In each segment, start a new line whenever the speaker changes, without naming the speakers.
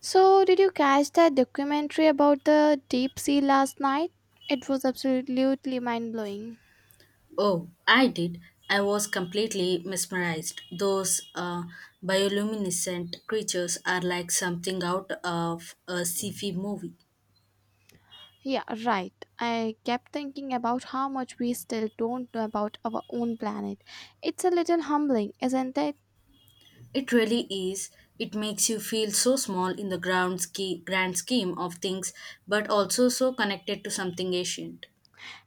So, did you catch that documentary about the deep sea last night? It was absolutely mind blowing.
Oh, I did. I was completely mesmerized. Those bioluminescent creatures are like something out of a sci-fi movie.
Yeah, right. I kept thinking about how much we still don't know about our own planet. It's a little humbling, isn't it?
It really is. It makes you feel so small in the grand scheme of things, but also so connected to something ancient.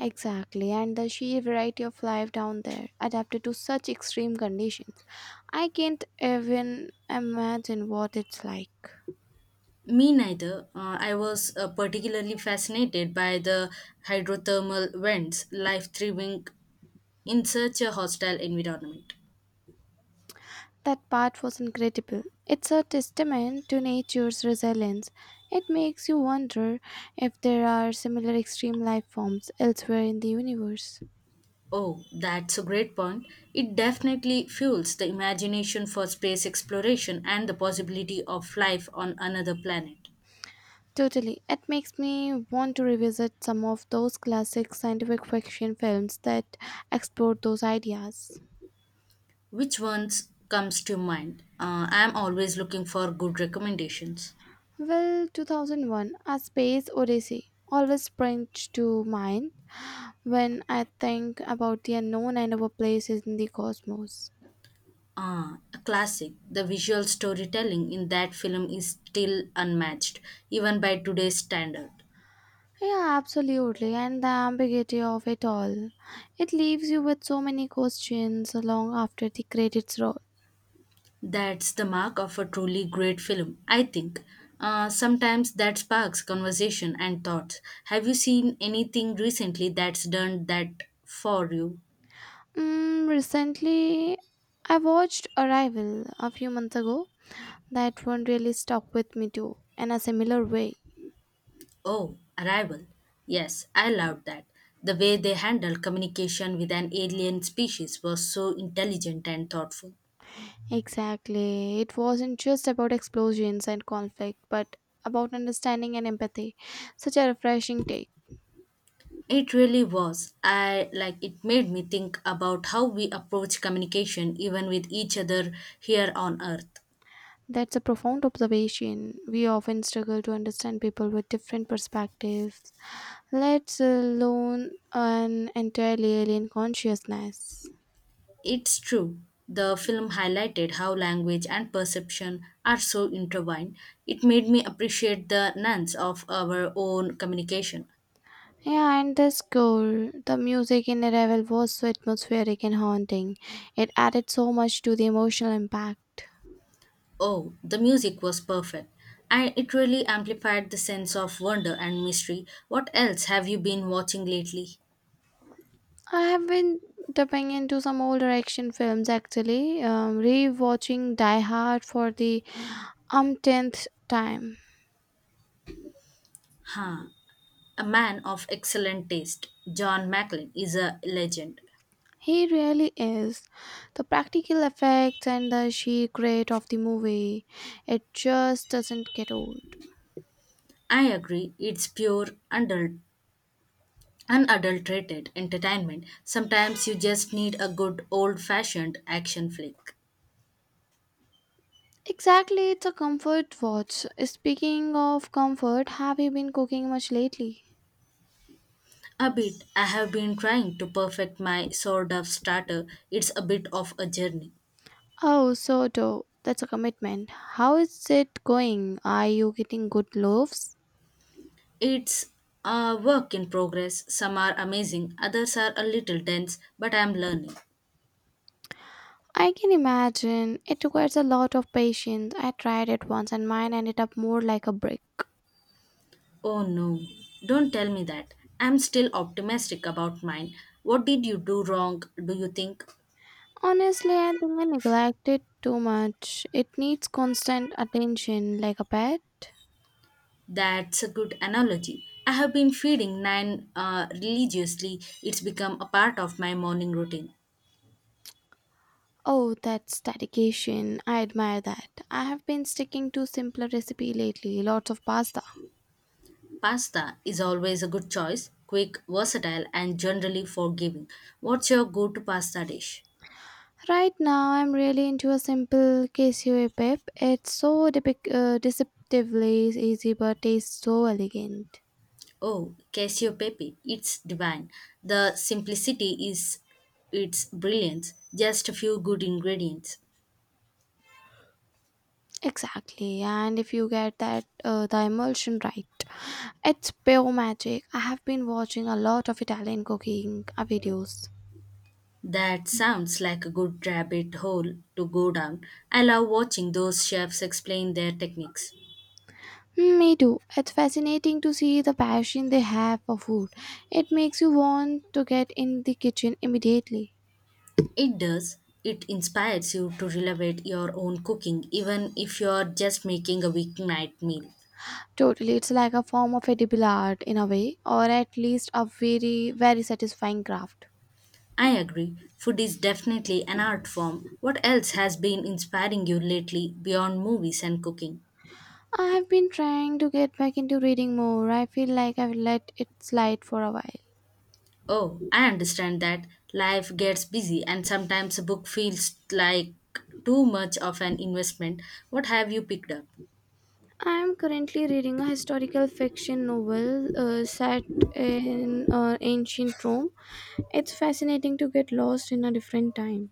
Exactly, and the sheer variety of life down there, adapted to such extreme conditions. I can't even imagine what it's like.
Me neither. I was particularly fascinated by the hydrothermal vents, life thriving in such a hostile environment.
That part was incredible. It's a testament to nature's resilience. It makes you wonder if there are similar extreme life forms elsewhere in the universe.
Oh, that's a great point. It definitely fuels the imagination for space exploration and the possibility of life on another planet.
Totally. It makes me want to revisit some of those classic scientific fiction films that explored those ideas.
Which ones comes to mind? I'm always looking for good recommendations.
Well, 2001 A Space Odyssey always springs to mind when I think about the unknown and our place in the cosmos.
Ah, a classic. The visual storytelling in that film is still unmatched, even by today's standard.
Yeah, absolutely. And the ambiguity of it all. It leaves you with so many questions long after the credits roll.
That's the mark of a truly great film, I think. Sometimes that sparks conversation and thoughts. Have you seen anything recently that's done that for you?
Mm, recently, I watched Arrival a few months ago. That one really stuck with me too, in a similar way.
Oh, Arrival. Yes, I loved that. The way they handled communication with an alien species was so intelligent and thoughtful.
Exactly. It wasn't just about explosions and conflict, but about understanding and empathy. Such a refreshing take.
It really was. I like it made me think about how we approach communication even with each other here on earth.
That's a profound observation. We often struggle to understand people with different perspectives, let alone an entirely alien consciousness.
It's true. The film highlighted how language and perception are so intertwined. It made me appreciate the nuance of our own communication.
Yeah, and the score, the music in Arrival was so atmospheric and haunting. It added so much to the emotional impact.
Oh, the music was perfect. And it really amplified the sense of wonder and mystery. What else have you been watching lately?
I have been dipping into some older action films actually, re-watching Die Hard for the umpteenth time.
Huh. A man of excellent taste, John Macklin is a legend.
He really is. The practical effects and the sheer grit of the movie, it just doesn't get old.
I agree, it's pure, unadulterated entertainment. Sometimes you just need a good old fashioned action flick.
Exactly, it's a comfort watch. Speaking of comfort, have you been cooking much lately?
A bit. I have been trying to perfect my sword of starter. It's a bit of a journey.
Oh, sourdough. That's a commitment. How is it going? Are you getting good loaves?
It's a work in progress. Some are amazing, others are a little dense, but I'm learning.
I can imagine. It requires a lot of patience. I tried it once and mine ended up more like a brick.
Oh no, don't tell me that. I'm still optimistic about mine. What did you do wrong, do you think?
Honestly, I think I neglected too much. It needs constant attention, like a pet.
That's a good analogy. I have been feeding nine religiously. It's become a part of my morning routine.
Oh, that's dedication. I admire that. I have been sticking to simpler recipe lately, lots of pasta.
Pasta is always a good choice, quick, versatile, and generally forgiving. What's your go to pasta dish?
Right now, I'm really into a simple cashew pep. It's so deceptively easy but tastes so elegant.
Oh, Casio Pepe. It's divine. The simplicity is its brilliance. Just a few good ingredients.
Exactly, and if you get that the emulsion right, it's pure magic. I have been watching a lot of Italian cooking videos.
That sounds like a good rabbit hole to go down. I love watching those chefs explain their techniques.
Mm, me too. It's fascinating to see the passion they have for food. It makes you want to get in the kitchen immediately.
It does. It inspires you to elevate your own cooking, even if you're just making a weeknight meal.
Totally, it's like a form of a edible art in a way, or at least a very, very satisfying craft.
I agree. Food is definitely an art form. What else has been inspiring you lately beyond movies and cooking?
I have been trying to get back into reading more. I feel like I've let it slide for a while.
Oh, I understand that life gets busy and sometimes a book feels like too much of an investment. What have you picked up?
I am currently reading a historical fiction novel set in ancient Rome. It's fascinating to get lost in a different time.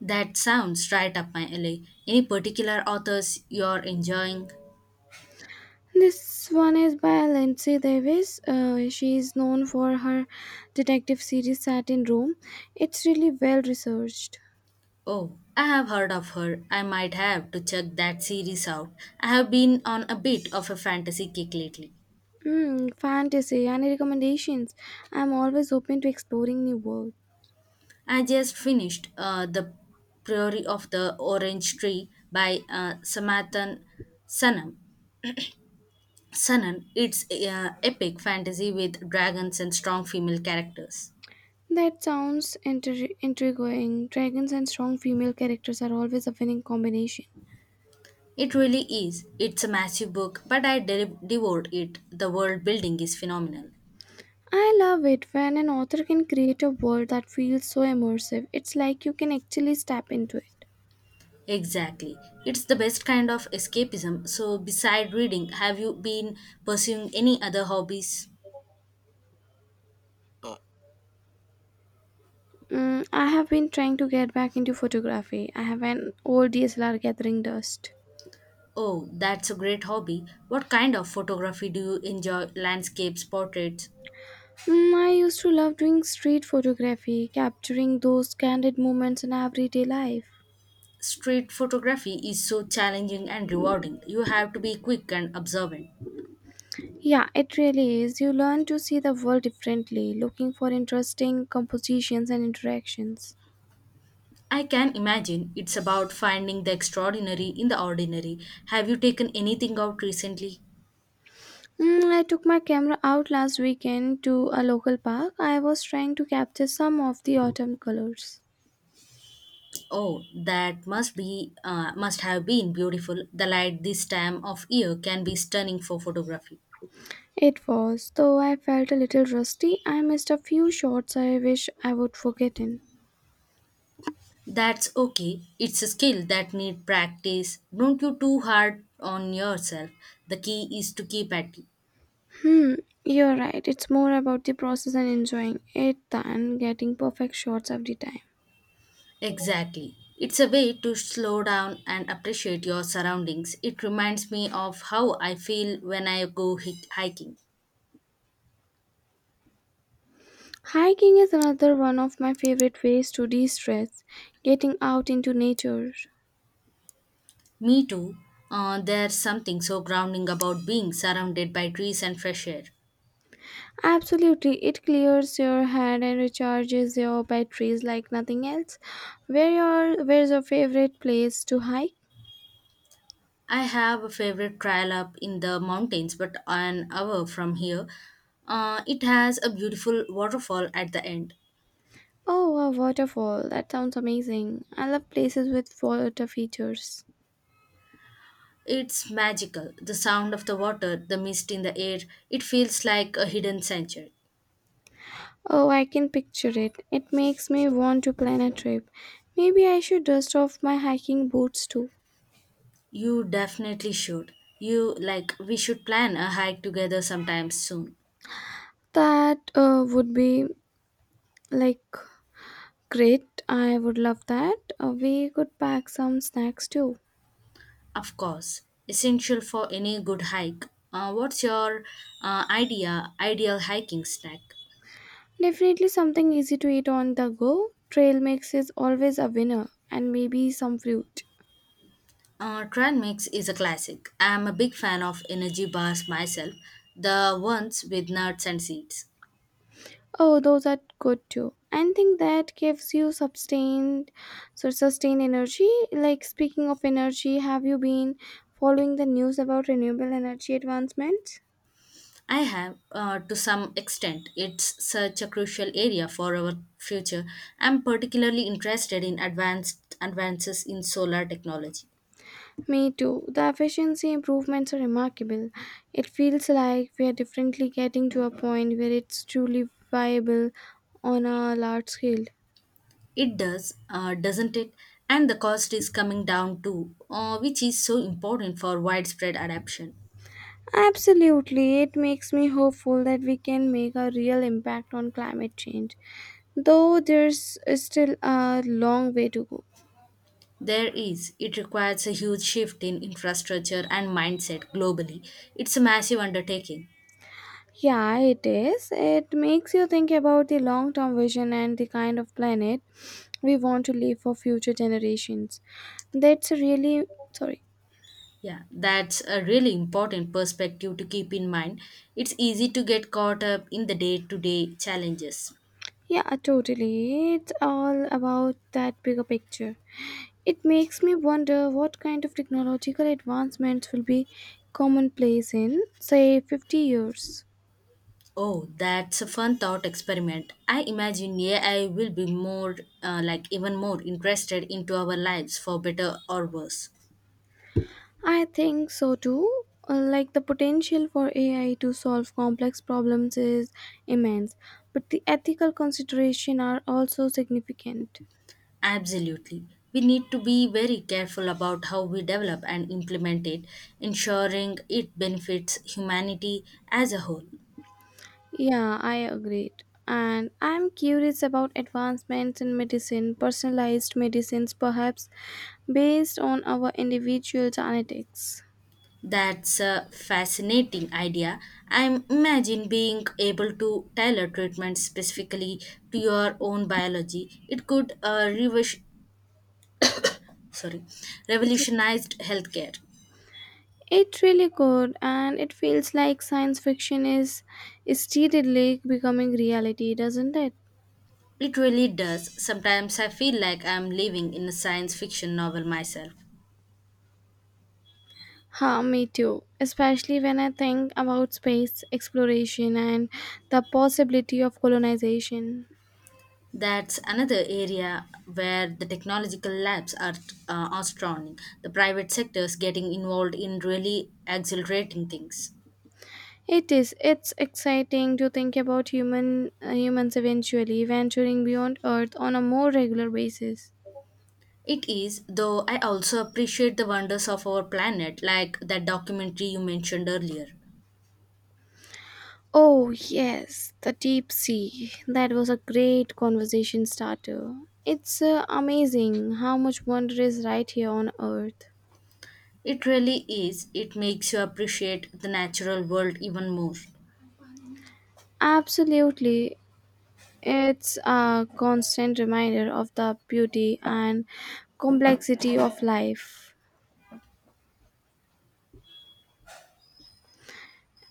That sounds right up my alley. Any particular authors you're enjoying?
This one is by Lindsay Davis. She is known for her detective series set in Rome. It's really well researched.
Oh, I have heard of her. I might have to check that series out. I have been on a bit of a fantasy kick lately.
Mm, fantasy and recommendations. I'm always open to exploring new worlds.
I just finished The Priory of the Orange Tree by Samathan Sanam. Sanan, it's epic fantasy with dragons and strong female characters.
That sounds intriguing. Dragons and strong female characters are always a winning combination.
It really is. It's a massive book, but I devoured it. The world building is phenomenal.
I love it when an author can create a world that feels so immersive. It's like you can actually step into it.
Exactly. It's the best kind of escapism. So, beside reading, have you been pursuing any other hobbies?
Mm, I have been trying to get back into photography. I have an old DSLR gathering dust.
Oh, that's a great hobby. What kind of photography do you enjoy? Landscapes, portraits?
Mm, I used to love doing street photography, capturing those candid moments in everyday life.
Street photography is so challenging and rewarding. You have to be quick and observant.
Yeah, it really is. You learn to see the world differently, looking for interesting compositions and interactions.
I can imagine it's about finding the extraordinary in the ordinary. Have you taken anything out recently?
Mm, I took my camera out last weekend to a local park. I was trying to capture some of the autumn colors.
Oh, that must be must have been beautiful. The light this time of year can be stunning for photography.
It was, though I felt a little rusty. I missed a few shots I wish I would forgotten.
That's okay. It's a skill that need practice. Don't you too hard on yourself. The key is to keep at it.
Hmm, you're right. It's more about the process and enjoying it than getting perfect shots every time.
Exactly. It's a way to slow down and appreciate your surroundings. It reminds me of how I feel when I go hiking.
Hiking is another one of my favorite ways to de stress, getting out into nature.
Me too. There's something so grounding about being surrounded by trees and fresh air.
Absolutely, it clears your head and recharges your batteries like nothing else. Where's your favorite place to hike?
I have a favorite trail up in the mountains, but an hour from here. It has a beautiful waterfall at the end.
Oh, a waterfall. That sounds amazing. I love places with water features.
It's magical. The sound of the water, the mist in the air, it feels like a hidden sanctuary.
Oh, I can picture it. It makes me want to plan a trip. Maybe I should dust off my hiking boots too.
You definitely should. You like, we should plan a hike together sometime soon.
That would be like great. I would love that. We could pack some snacks too.
Of course, essential for any good hike. What's your ideal hiking snack?
Definitely something easy to eat on the go. Trail mix is always a winner, and maybe some fruit.
Trend Mix is a classic. I'm a big fan of energy bars myself, the ones with nuts and seeds.
Oh, those are good too. I think that gives you sustained energy. Like speaking of energy, have you been following the news about renewable energy advancements?
I have, to some extent, it's such a crucial area for our future. I'm particularly interested in advanced advances in solar technology.
Me too. The efficiency improvements are remarkable. It feels like we are definitely getting to a point where it's truly viable on a large scale.
It does, doesn't it? And the cost is coming down too, which is so important for widespread adoption.
Absolutely, it makes me hopeful that we can make a real impact on climate change, though there's still a long way to go.
There is. It requires a huge shift in infrastructure and mindset globally. It's a massive undertaking.
Yeah, it is. It makes you think about the long term vision and the kind of planet we want to leave for future generations. That's a really sorry.
Yeah, that's a really important perspective to keep in mind. It's easy to get caught up in the day to day challenges.
Yeah, totally. It's all about that bigger picture. It makes me wonder what kind of technological advancements will be commonplace in, say, 50 years.
Oh, that's a fun thought experiment. I imagine AI will be more, even more interested into our lives for better or worse.
I think so too. Like the potential for AI to solve complex problems is immense, but the ethical considerations are also significant.
Absolutely. We need to be very careful about how we develop and implement it, ensuring it benefits humanity as a whole.
Yeah, I agreed. And I'm curious about advancements in medicine, personalized medicines perhaps based on our individual genetics.
That's a fascinating idea. I imagine being able to tailor treatment specifically to your own biology. It could sorry,
It's
revolutionized healthcare.
it really could, and it feels like science fiction is steadily becoming reality, doesn't it?
It really does. Sometimes I feel like I'm living in a science fiction novel myself.
Huh, me too. Especially when I think about space exploration and the possibility of colonization.
That's another area where the technological labs are outstanding. The private sectors getting involved in really accelerating things.
It is. It's exciting to think about humans eventually venturing beyond Earth on a more regular basis.
It is, though I also appreciate the wonders of our planet, like that documentary you mentioned earlier.
Oh yes, the deep sea. That was a great conversation starter. It's amazing how much wonder is right here on Earth.
It really is. It makes you appreciate the natural world even more.
Absolutely, it's a constant reminder of the beauty and complexity of life.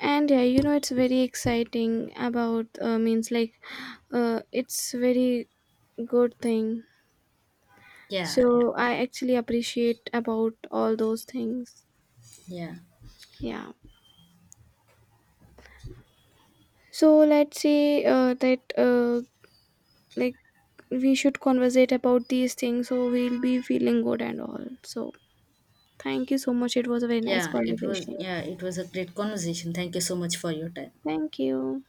And yeah, you know, it's very exciting about means like it's very good thing.
Yeah, yeah,
So I actually appreciate about all those things.
yeah.
Yeah. So let's say that like we should conversate about these things so we'll be feeling good and all. So thank you so much. It was a very nice
Yeah, it was,
conversation.
a great conversation. Thank you so much for your time.
Thank you.